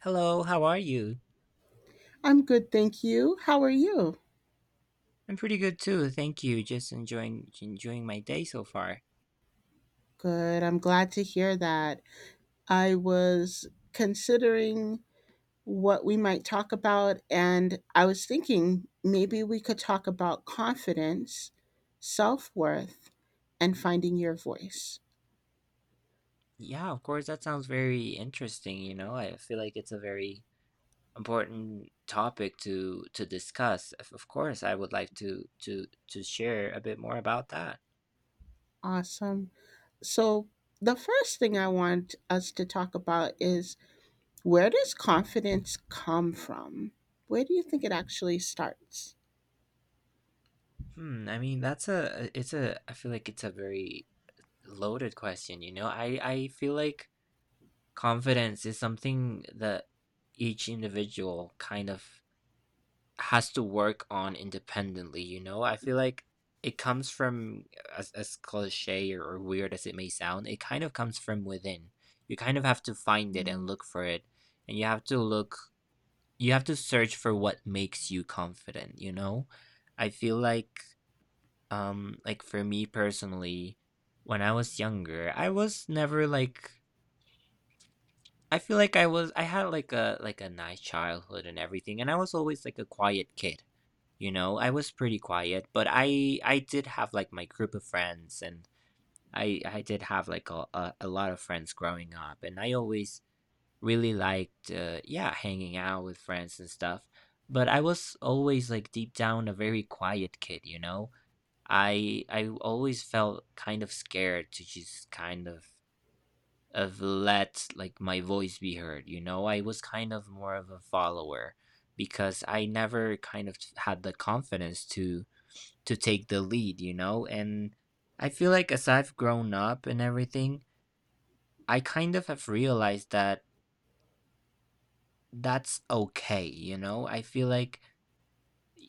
Hello, how are you? I'm good, thank you. How are you? I'm pretty good too, thank you. Just enjoying my day so far. Good. I'm glad to hear that. I was considering what we might talk about, and I was thinking maybe we could talk about confidence, self worth, and finding your voice. Yeah, of course, that sounds very interesting. I feel like it's a very important topic to discuss. Of course, I would like to share a bit more about that. Awesome. So, the first thing I want us to talk about is, where does confidence come from? Where do you think it actually starts? I mean, that's a it's a I feel like it's a very loaded question. I feel like confidence is something that each individual kind of has to work on independently. I feel like it comes from as cliche or weird as it may sound, it kind of comes from within. You kind of have to find it and Mm. look for it. And you have to search for what makes you confident. I feel like for me personally, when I was younger, I was never like I feel like I was I had like a nice childhood and everything, and I was always like a quiet kid. You know, I was pretty quiet, but I did have, like, my group of friends, and I did have, like, a lot of friends growing up, and I always really liked, yeah, hanging out with friends and stuff, but I was always, like, deep down a very quiet kid. I always felt kind of scared to just kind of let, like, my voice be heard. I was kind of more of a follower because I never kind of had the confidence to take the lead. And I feel like as I've grown up and everything, I kind of have realized that that's okay. I feel like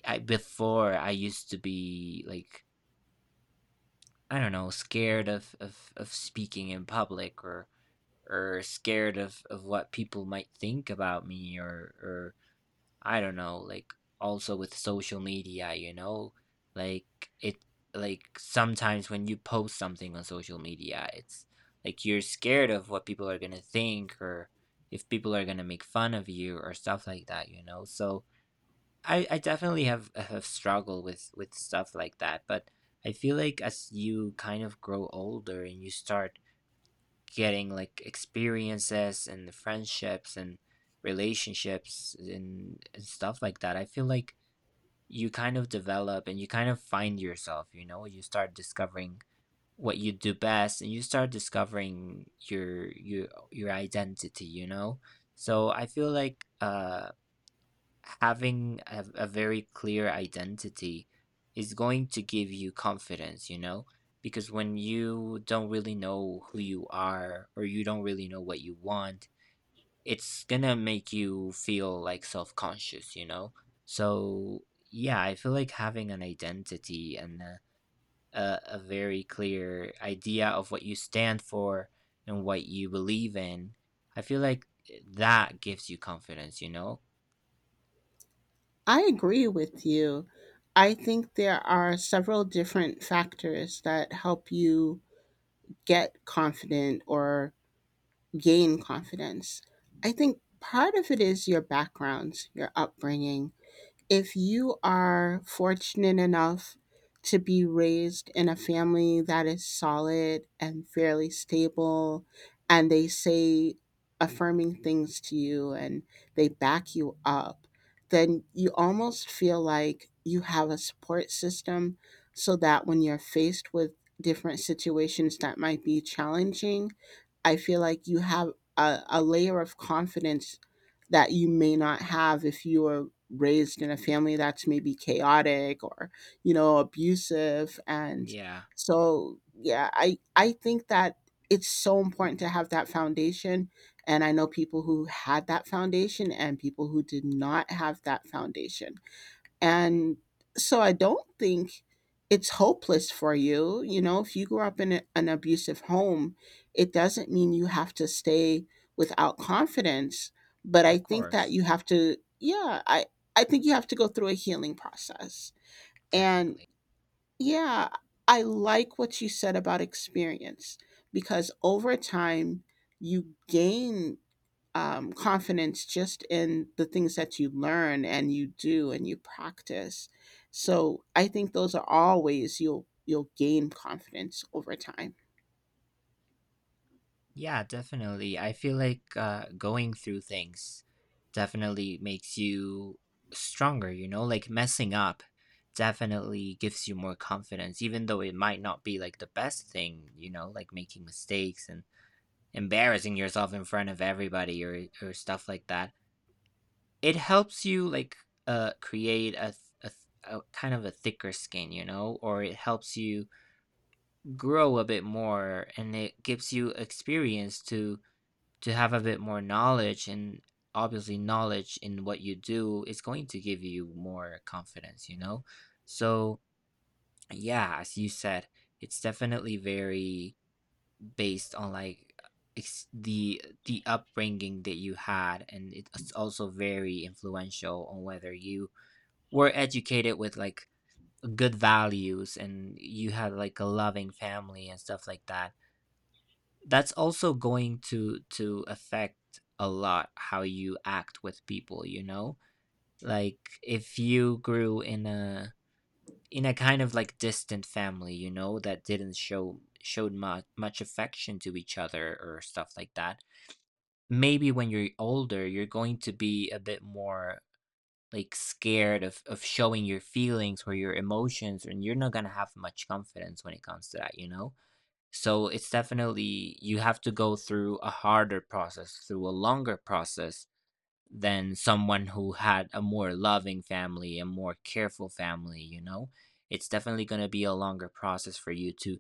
I before I used to be like, I don't know, scared of speaking in public or scared of what people might think about me, or I don't know, like also with social media, like it, sometimes when you post something on social media, it's like you're scared of what people are gonna think, or if people are gonna make fun of you or stuff like that. So I definitely have have struggled with stuff like that, but I feel like as you kind of grow older and you start getting like experiences and friendships and relationships and stuff like that. I feel like you kind of develop and you kind of find yourself, you know, you start discovering what you do best, and you start discovering your identity. So I feel like having a very clear identity is going to give you confidence. Because when you don't really know who you are, or you don't really know what you want, it's gonna make you feel like self conscious. So, yeah, I feel like having an identity and a very clear idea of what you stand for and what you believe in, I feel like that gives you confidence. I agree with you. I think there are several different factors that help you get confident or gain confidence. I think part of it is your backgrounds, your upbringing. If you are fortunate enough to be raised in a family that is solid and fairly stable and they say affirming things to you and they back you up, then you almost feel like you have a support system so that when you're faced with different situations that might be challenging, I feel like you have a layer of confidence that you may not have if you were raised in a family that's maybe chaotic or, you know, abusive. And Yeah, so yeah, I think that it's so important to have that foundation, and I know people who had that foundation and people who did not have that foundation. And so I don't think it's hopeless for you. You know, if you grew up in an abusive home, it doesn't mean you have to stay without confidence. But I of think that course. you have to, yeah, I think you have to go through a healing process. And Definitely. yeah, I like what you said about experience, because over time, you gain confidence just in the things that you learn and you do and you practice. So I think those are all ways you'll gain confidence over time. Yeah, definitely. I feel like going through things definitely makes you stronger. Like messing up definitely gives you more confidence, even though it might not be like the best thing, like making mistakes and embarrassing yourself in front of everybody, or stuff like that. It helps you like create a, th- a, th- a kind of a thicker skin, or it helps you grow a bit more, and it gives you experience to have a bit more knowledge. And obviously, knowledge in what you do is going to give you more confidence, so yeah, as you said, it's definitely very based on like the upbringing that you had. And it's also very influential on whether you were educated with like good values and you had like a loving family and stuff like that. That's also going to affect a lot how you act with people, like if you grew in a kind of like distant family, that didn't show showed much affection to each other or stuff like that. Maybe when you're older, you're going to be a bit more like scared of showing your feelings or your emotions, and you're not going to have much confidence when it comes to that. So it's definitely, you have to go through a harder process, through a longer process than someone who had a more loving family, a more careful family. It's definitely going to be a longer process for you to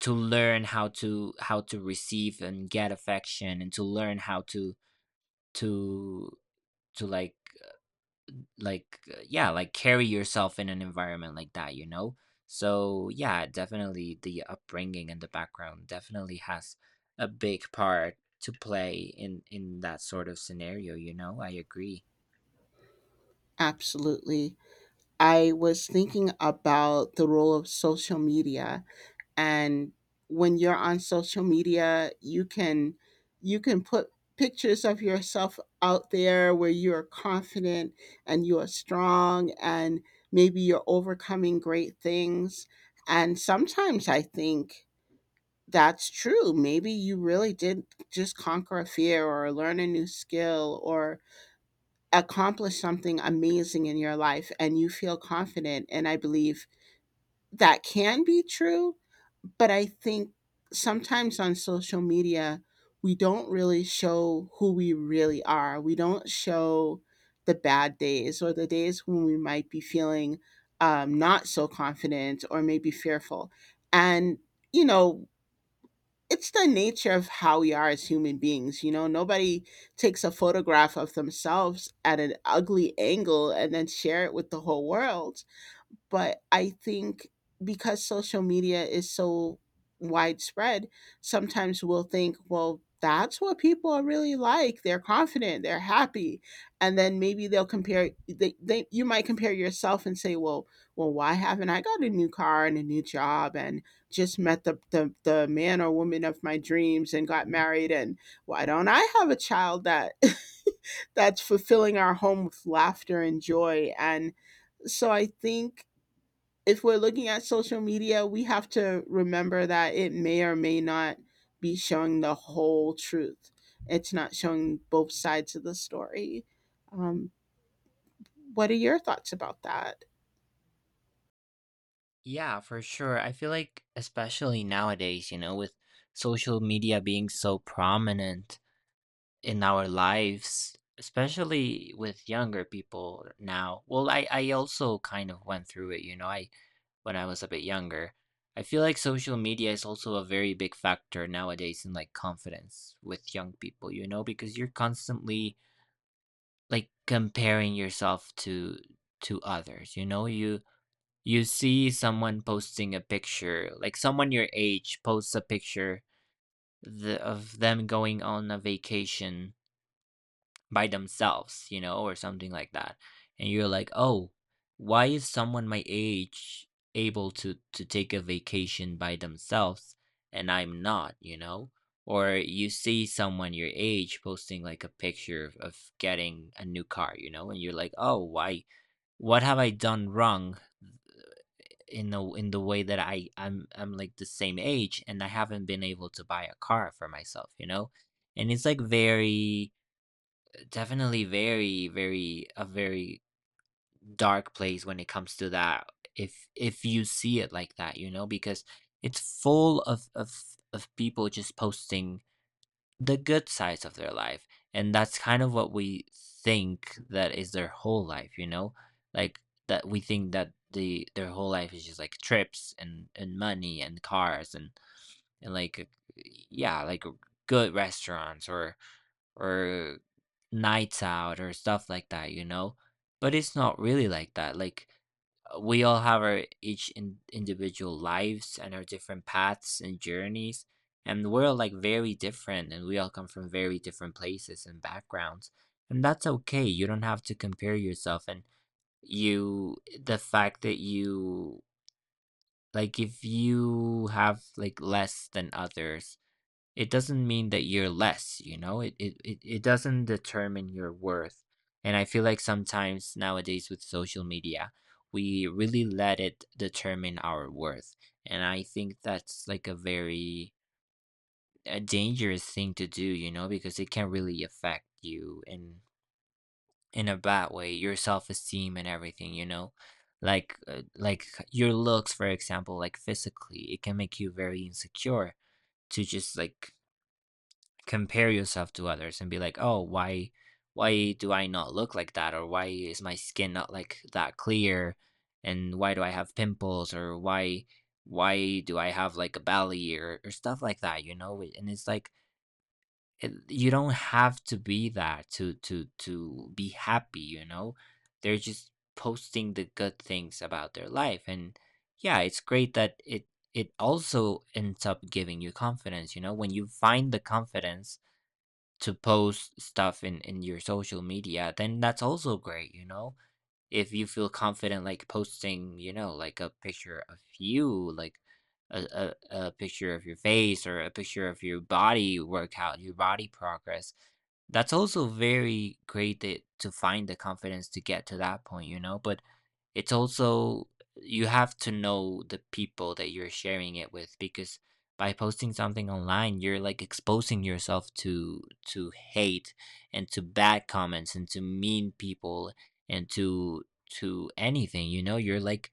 to learn how to receive and get affection, and to learn how to to like yeah like carry yourself in an environment like that. So yeah, definitely the upbringing and the background definitely has a big part to play in that sort of scenario. I agree. Absolutely. I was thinking about the role of social media, and when you're on social media, you can, you can put pictures of yourself out there where you are confident and you are strong, and maybe you're overcoming great things. And sometimes I think that's true. Maybe you really did just conquer a fear or learn a new skill or accomplish something amazing in your life and you feel confident. And I believe that can be true. But I think sometimes on social media, we don't really show who we really are. We don't show the bad days or the days when we might be feeling not so confident or maybe fearful. And, you know, it's the nature of how we are as human beings. You know, nobody takes a photograph of themselves at an ugly angle and then share it with the whole world. But I think because social media is so widespread, sometimes we'll think, well, that's what people are really like. They're confident, they're happy. And then maybe they'll compare they you might compare yourself and say, well, well, why haven't I got a new car and a new job and just met the man or woman of my dreams and got married, and why don't I have a child that that's fulfilling our home with laughter and joy? And so I think if we're looking at social media, we have to remember that it may or may not be showing the whole truth. It's not showing both sides of the story. Um, what are your thoughts about that? Yeah, for sure. I feel like especially nowadays with social media being so prominent in our lives, especially with younger people now. Well, I also kind of went through it, I when I was a bit younger. I feel like social media is also a very big factor nowadays in like confidence with young people, because you're constantly like comparing yourself to others. You see someone posting a picture, like someone your age posts a picture of them going on a vacation by themselves, or something like that. And you're like, oh, why is someone my age able to take a vacation by themselves and I'm not? Or you see someone your age posting like a picture of getting a new car, and you're like, oh, why? What have I done wrong in the way, that I'm like the same age and I haven't been able to buy a car for myself? And it's like very Definitely very, very, a very dark place when it comes to that, if you see it like that, because it's full of people just posting the good sides of their life. And that's kind of what we think that is their whole life. Like that, we think that their whole life is just like trips and money and cars and like, yeah, like good restaurants or nights out or stuff like that. But it's not really like that. Like we all have our each individual lives and our different paths and journeys, and we're all like very different, and we all come from very different places and backgrounds, and that's okay. You don't have to compare yourself, and you the fact that you, like, if you have like less than others, it doesn't mean that you're less. It doesn't determine your worth. And I feel like sometimes nowadays with social media, we really let it determine our worth. And I think that's like a dangerous thing to do, because it can really affect you in a bad way, your self-esteem and everything. Like your looks, for example, like physically, it can make you very insecure to just like compare yourself to others and be like, "Oh, why do I not look like that, or why is my skin not like that clear, and why do I have pimples, or why do I have like a belly, or stuff like that? And you don't have to be that to be happy. They're just posting the good things about their life. And yeah, it's great that it also ends up giving you confidence. When you find the confidence to post stuff in your social media, then that's also great. If you feel confident, like, posting, you know, like a picture of you like a picture of your face, or a picture of your body workout, your body progress, that's also very great, that, to find the confidence to get to that point. But it's also, you have to know the people that you're sharing it with, because by posting something online, you're like exposing yourself to hate, and to bad comments, and to mean people, and to anything, you know? You're, like,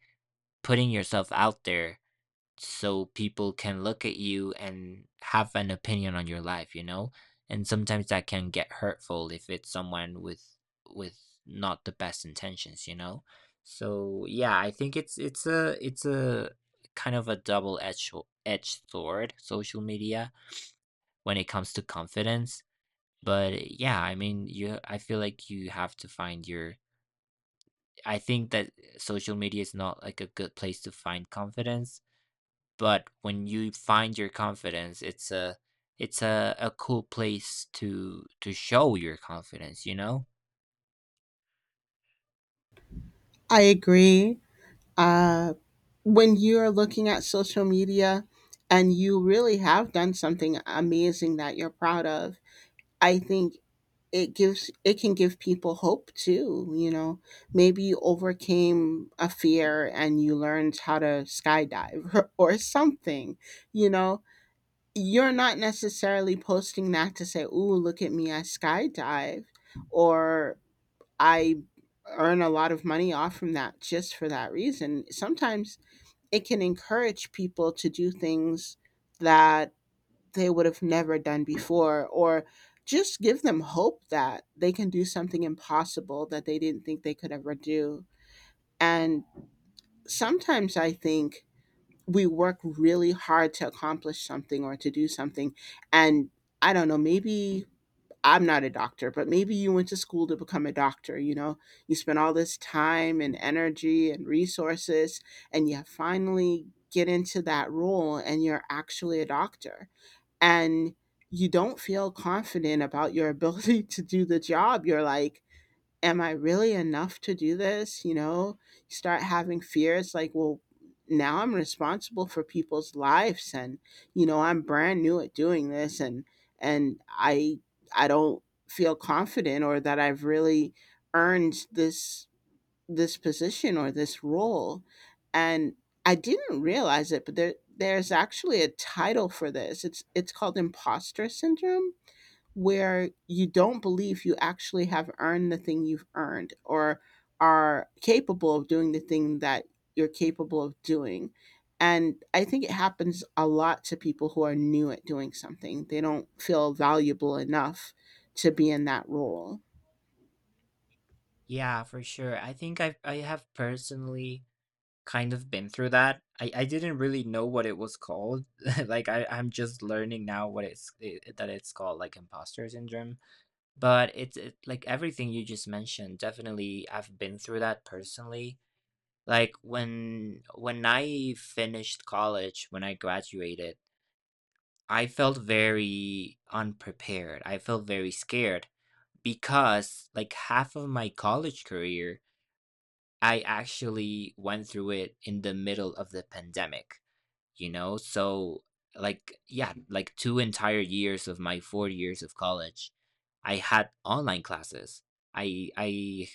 putting yourself out there so people can look at you and have an opinion on your life. And sometimes that can get hurtful, if it's someone with not the best intentions. So, yeah, I think it's a kind of a double-edged sho edged sword, social media, when it comes to confidence. But, yeah, I mean, you I feel like you have to find your I think that social media is not like a good place to find confidence, but when you find your confidence, it's a cool place to show your confidence, you know? I agree. Uh, when you're looking at social media and you really have done something amazing that you're proud of, I think it gives, it can give people hope too, you know. Maybe you overcame a fear and you learned how to skydive, or something. You know, you're not necessarily posting that to say, ooh, look at me, I skydive, or I earn a lot of money off from that. Just for that reason, sometimes it can encourage people to do things that they would have never done before, or just give them hope that they can do something impossible that they didn't think they could ever do. And sometimes I think we work really hard to accomplish something or to do something, and I don't know, maybe, I'm not a doctor, but maybe you went to school to become a doctor. You know, you spent all this time and energy and resources, and you finally get into that role and you're actually a doctor. And you don't feel confident about your ability to do the job. You're like, am I really enough to do this? You know, you start having fears like, well, now I'm responsible for people's lives, and you know, I'm brand new at doing this, and and I don't feel confident or that I've really earned this position or this role. And I didn't realize it, but there's actually a title for this. It's called imposter syndrome, where you don't believe you actually have earned the thing you've earned or are capable of doing the thing that you're capable of doing. And I think it happens a lot to people who are new at doing something. They don't feel valuable enough to be in that role. Yeah, for sure. I think I've I have personally kind of been through that. I didn't really know what it was called. Like I'm just learning now what that it's called like imposter syndrome. But like everything you just mentioned, definitely I've been through that personally. Like when I finished college, when I graduated, I felt very unprepared. I felt very scared because like half of my college career, I actually went through it in the middle of the pandemic, you know? So, like, yeah, like two entire years of my 4 years of college, I had online classes. i i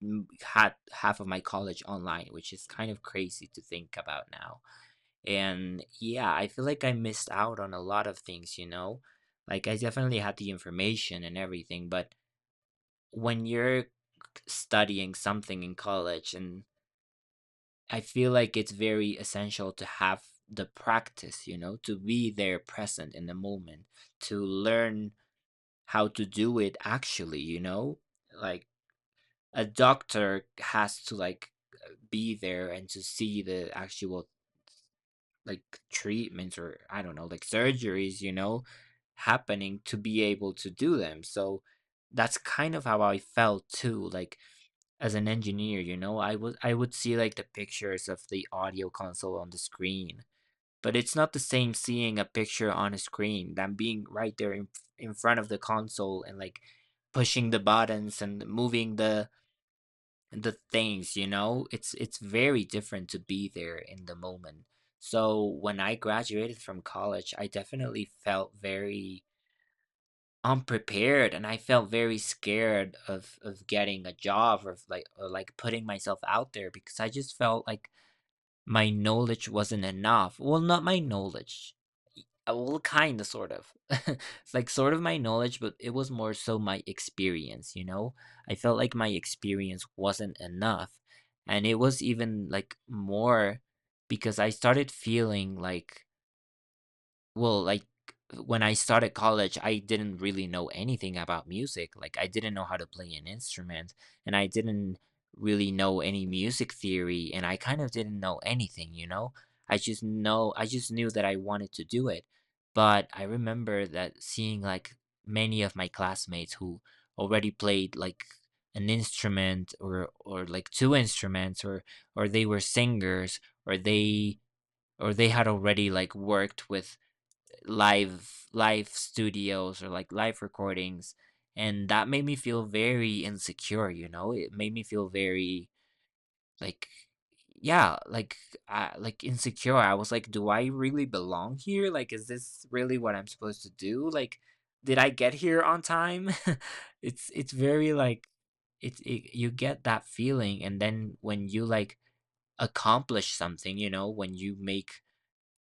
m- Had half of my college online, which is kind of crazy to think about now. And yeah, I feel like I missed out on a lot of things, you know? Like I definitely had the information and everything, but when you're studying something in college, and I feel like it's very essential to have the practice, you know, to be there present in the moment, to learn how to do it actually, you know? Like a doctor has to like be there and to see the actual, like, treatments or I don't know, like surgeries, you know, happening to be able to do them. So that's kind of how I felt too, like as an engineer, you know, I would see like the pictures of the audio console on the screen. But it's not the same seeing a picture on a screen than being right there in front of the console and like pushing the buttons and moving the things, you know? It's very different to be there in the moment. So when I graduated from college, I definitely felt very unprepared and I felt very scared of getting a job or of like or like putting myself out there because I just felt like my knowledge wasn't enough. Well, not my knowledge. Well, kind of, sort of. It's like sort of my knowledge, but it was more so my experience, you know? I felt like my experience wasn't enough. And it was even like more because I started feeling like, well, like, when I started college, I didn't really know anything about music. Like, I didn't know how to play an instrument, and I didn't really know any music theory, and I kind of didn't know anything, you know? I just knew that I wanted to do it. But I remember that seeing like many of my classmates who already played like an instrument or like two instruments or they were singers or they or they had already like worked with live studios or like live recordings, and that made me feel very insecure, you know. It made me feel very like, yeah, like, like insecure. I was like, do I really belong here? Like, is this really what I'm supposed to do? Like, did I get here on time? It's very like you get that feeling, and then when you like accomplish something, you know, when you make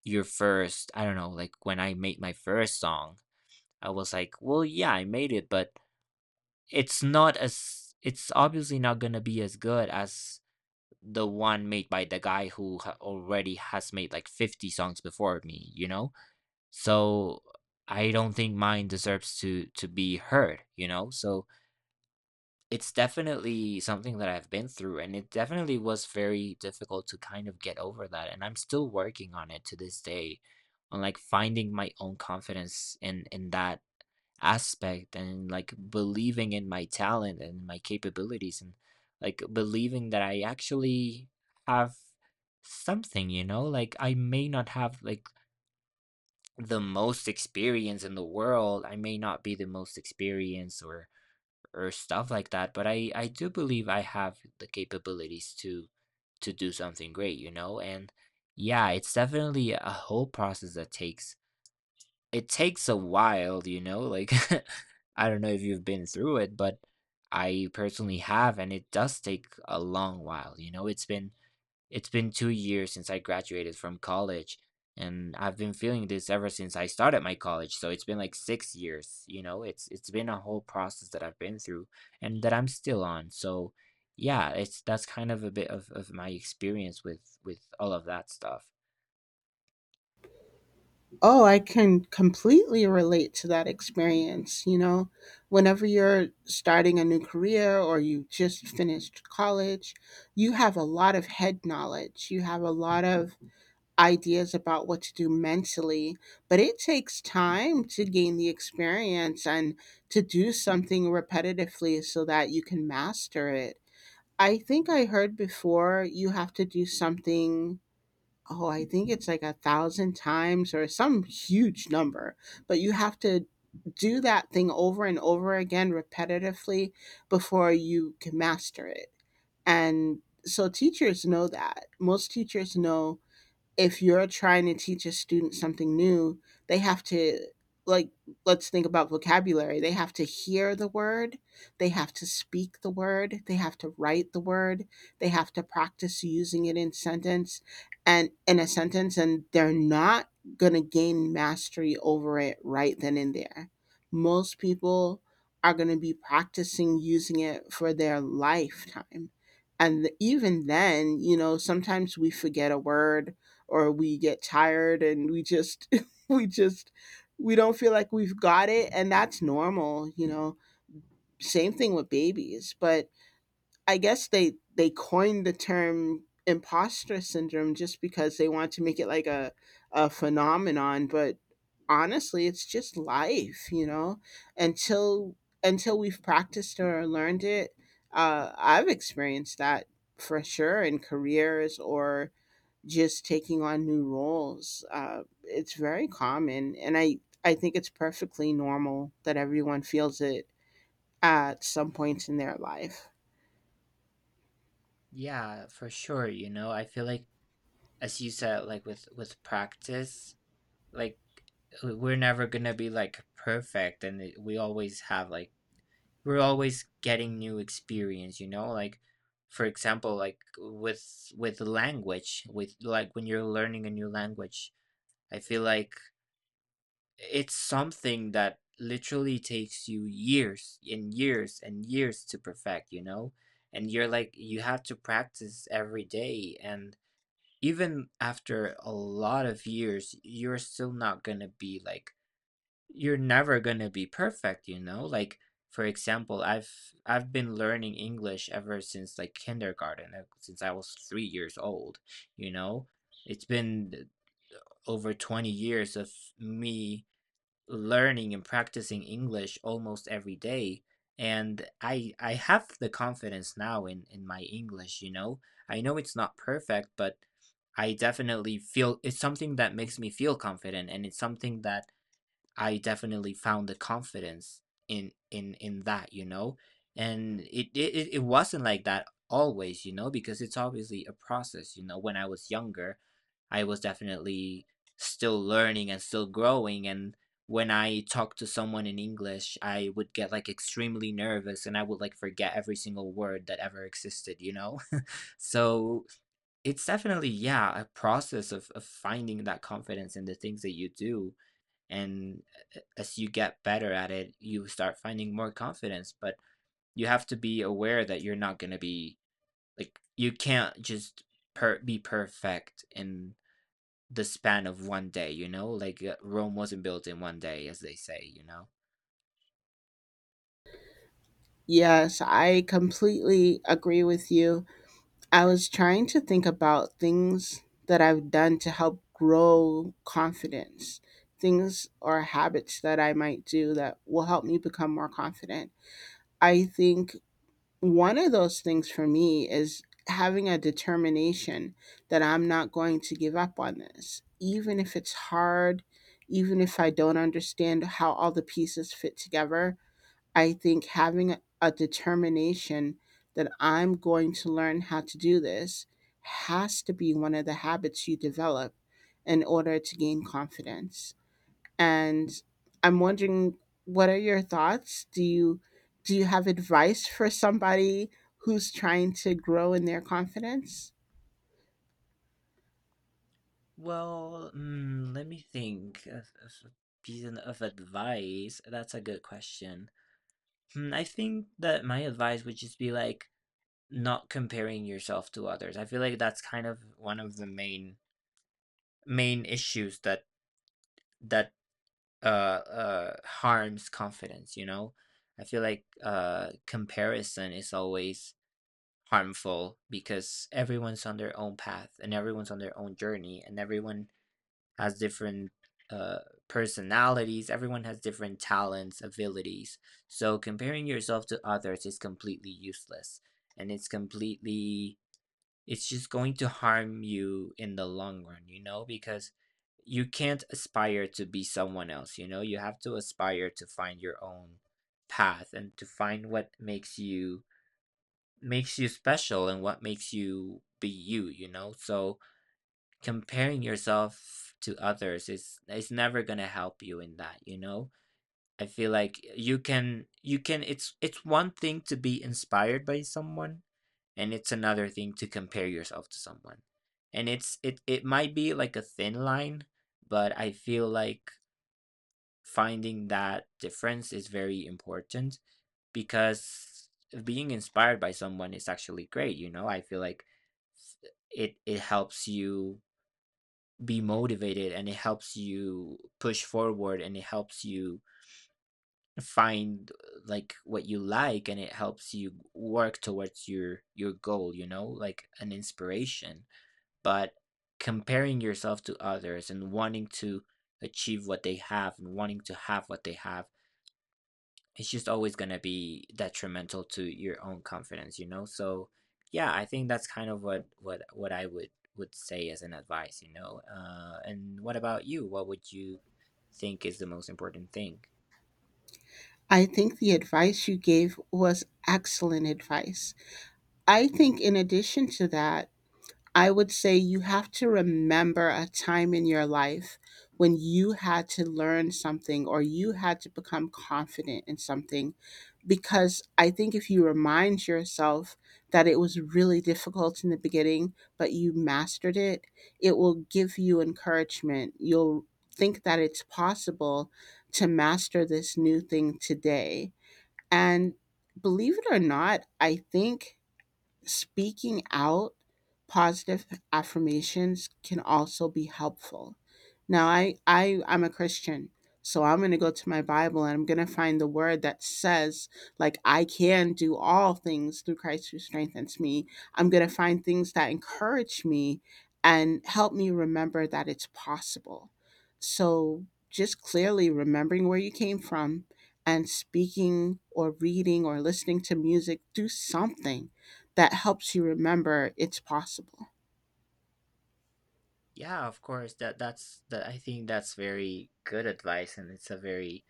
your first, I don't know, like when I made my first song, I was like, well, yeah, I made it, but it's not as it's obviously not gonna be as good as the one made by the guy who already has made like 50 songs before me, you know? So I don't think mine deserves to be heard, you know? So it's definitely something that I've been through, and it definitely was very difficult to kind of get over that, and I'm still working on it to this day on like finding my own confidence in that aspect and like believing in my talent and my capabilities and like believing that I actually have something, you know? Like I may not have like the most experience in the world. I may not be the most experienced or stuff like that, but I do believe I have the capabilities to do something great, you know? And yeah, it's definitely a whole process that takes it takes a while, you know, like, I don't know if you've been through it, but I personally have, and it does take a long while, you know? It's been 2 years since I graduated from college, and I've been feeling this ever since I started my college, so it's been like 6 years, you know? It's been a whole process that I've been through and that I'm still on. So, yeah, it's that's kind of a bit of my experience with all of that stuff. Oh, I can completely relate to that experience. You know, whenever you're starting a new career or you just finished college, you have a lot of head knowledge. You have a lot of ideas about what to do mentally, but it takes time to gain the experience and to do something repetitively so that you can master it. I think I heard before you have to do something, oh, I think it's like a thousand times or some huge number, but you have to do that thing over and over again repetitively before you can master it. And so teachers know that. Most teachers know, if you're trying to teach a student something new, they have to, like, let's think about vocabulary. They have to hear the word, they have to speak the word, they have to write the word, they have to practice using it in a sentence, and they're not going to gain mastery over it right then and there. Most people are going to be practicing using it for their lifetime, and even then, you know, sometimes we forget a word or we get tired and we just we just, we don't feel like we've got it, and that's normal, you know. Same thing with babies. But I guess they coined the term imposter syndrome just because they want to make it like a phenomenon, but honestly it's just life, you know, until until we've practiced or learned it. I've experienced that for sure in careers or just taking on new roles. It's very common, and I think it's perfectly normal that everyone feels it at some points in their life. Yeah, for sure, you know, I feel like, as you said, like with practice, like, we're never gonna be like perfect, and we always have like we're always getting new experience. You know, like for example, like with language, with like when you're learning a new language, I feel like it's something that literally takes you years and years and years to perfect. You know, and you're like you have to practice every day, and even after a lot of years, you're still not going to be like you're never going to be perfect, you know? Like for example, I've been learning English ever since like kindergarten, since I was 3 years old, you know? It's been over 20 years of me learning and practicing English almost every day. And I have the confidence now in my English, you know. I know it's not perfect, but I definitely feel it's something that makes me feel confident, and it's something that I definitely found the confidence in that, you know. And it wasn't like that always, you know, because it's obviously a process, you know. When I was younger, I was definitely still learning and still growing. And when I talked to someone in English, I would get like extremely nervous, and I would like forget every single word that ever existed, you know? So it's definitely, yeah, a process of finding that confidence in the things that you do. And as you get better at it, you start finding more confidence. But you have to be aware that you're not going to be like, you can't just be perfect in the span of one day, you know? Like Rome wasn't built in one day, as they say, you know? Yes, I completely agree with you. I was trying to think about things that I've done to help grow confidence, things or habits that I might do that will help me become more confident. I think one of those things for me is having a determination that I'm not going to give up on this, even if it's hard, even if I don't understand how all the pieces fit together. I think having a determination that I'm going to learn how to do this has to be one of the habits you develop in order to gain confidence. And I'm wondering, what are your thoughts? Do you have advice for somebody who's trying to grow in their confidence? Well, mm, let me think of a piece of advice. That's a good question. Hmm, I think that my advice would just be like not comparing yourself to others. I feel like that's kind of one of the main issues that harms confidence, you know? I feel like comparison is always harmful because everyone's on their own path and everyone's on their own journey and everyone has different uh, personalities. Everyone has different talents, abilities. So comparing yourself to others is completely useless, and it's completely it's just going to harm you in the long run, you know, because you can't aspire to be someone else. You know, you have to aspire to find your own path and to find what makes you special and what makes you be you, you know? So comparing yourself to others is never going to help you in that, you know? I feel like you can it's one thing to be inspired by someone, and it's another thing to compare yourself to someone. And it might be like a thin line, but I feel like finding that difference is very important because being inspired by someone is actually great. You know, I feel like it helps you be motivated, and it helps you push forward, and it helps you find like what you like, and it helps you work towards your goal, you know, like an inspiration. But comparing yourself to others and wanting to achieve what they have and wanting to have what they have, it's just always going to be detrimental to your own confidence, you know? So yeah, I think that's kind of what I would say as an advice, you know. And what about you? What would you think is the most important thing? I think the advice you gave was excellent advice. I think in addition to that, I would say you have to remember a time in your life when you had to learn something or you had to become confident in something. Because I think if you remind yourself that it was really difficult in the beginning, but you mastered it, it will give you encouragement. You'll think that it's possible to master this new thing today. And believe it or not, I think speaking out positive affirmations can also be helpful. Now, I, I'm a Christian, so I'm going to go to my Bible and I'm going to find the word that says, like, I can do all things through Christ who strengthens me. I'm going to find things that encourage me and help me remember that it's possible. So, just clearly remembering where you came from and speaking or reading or listening to music, do something that helps you remember it's possible. Yeah, of course. That that's that I think that's very good advice, and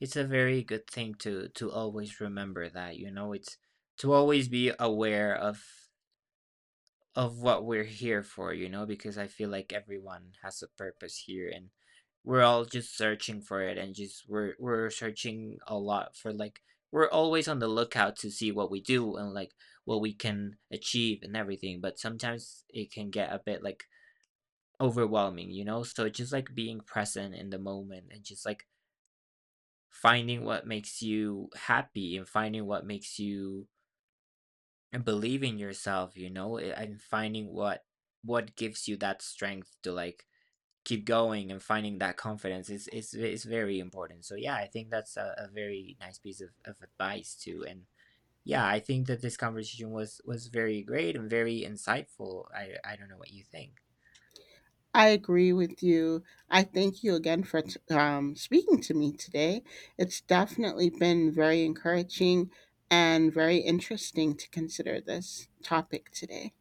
it's a very good thing to always remember that, you know. It's to always be aware of what we're here for, you know, because I feel like everyone has a purpose here, and we're all just searching for it, and just we're searching a lot for like we're always on the lookout to see what we do and like what we can achieve and everything, but sometimes it can get a bit like overwhelming, you know? So just like being present in the moment and just like finding what makes you happy and finding what makes you and believe in yourself, you know, and finding what gives you that strength to like keep going and finding that confidence is very important. So yeah, I think that's a very nice piece of advice too. And yeah, I think that this conversation was very great and very insightful. I don't know what you think. I agree with you. I thank you again for speaking to me today. It's definitely been very encouraging and very interesting to consider this topic today.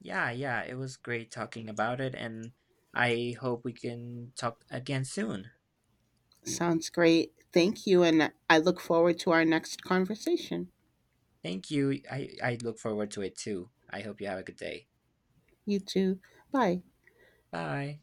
Yeah, yeah, it was great talking about it, and I hope we can talk again soon. Sounds great. Thank you. And I look forward to our next conversation. Thank you. I look forward to it too. I hope you have a good day. You too. Bye. Bye.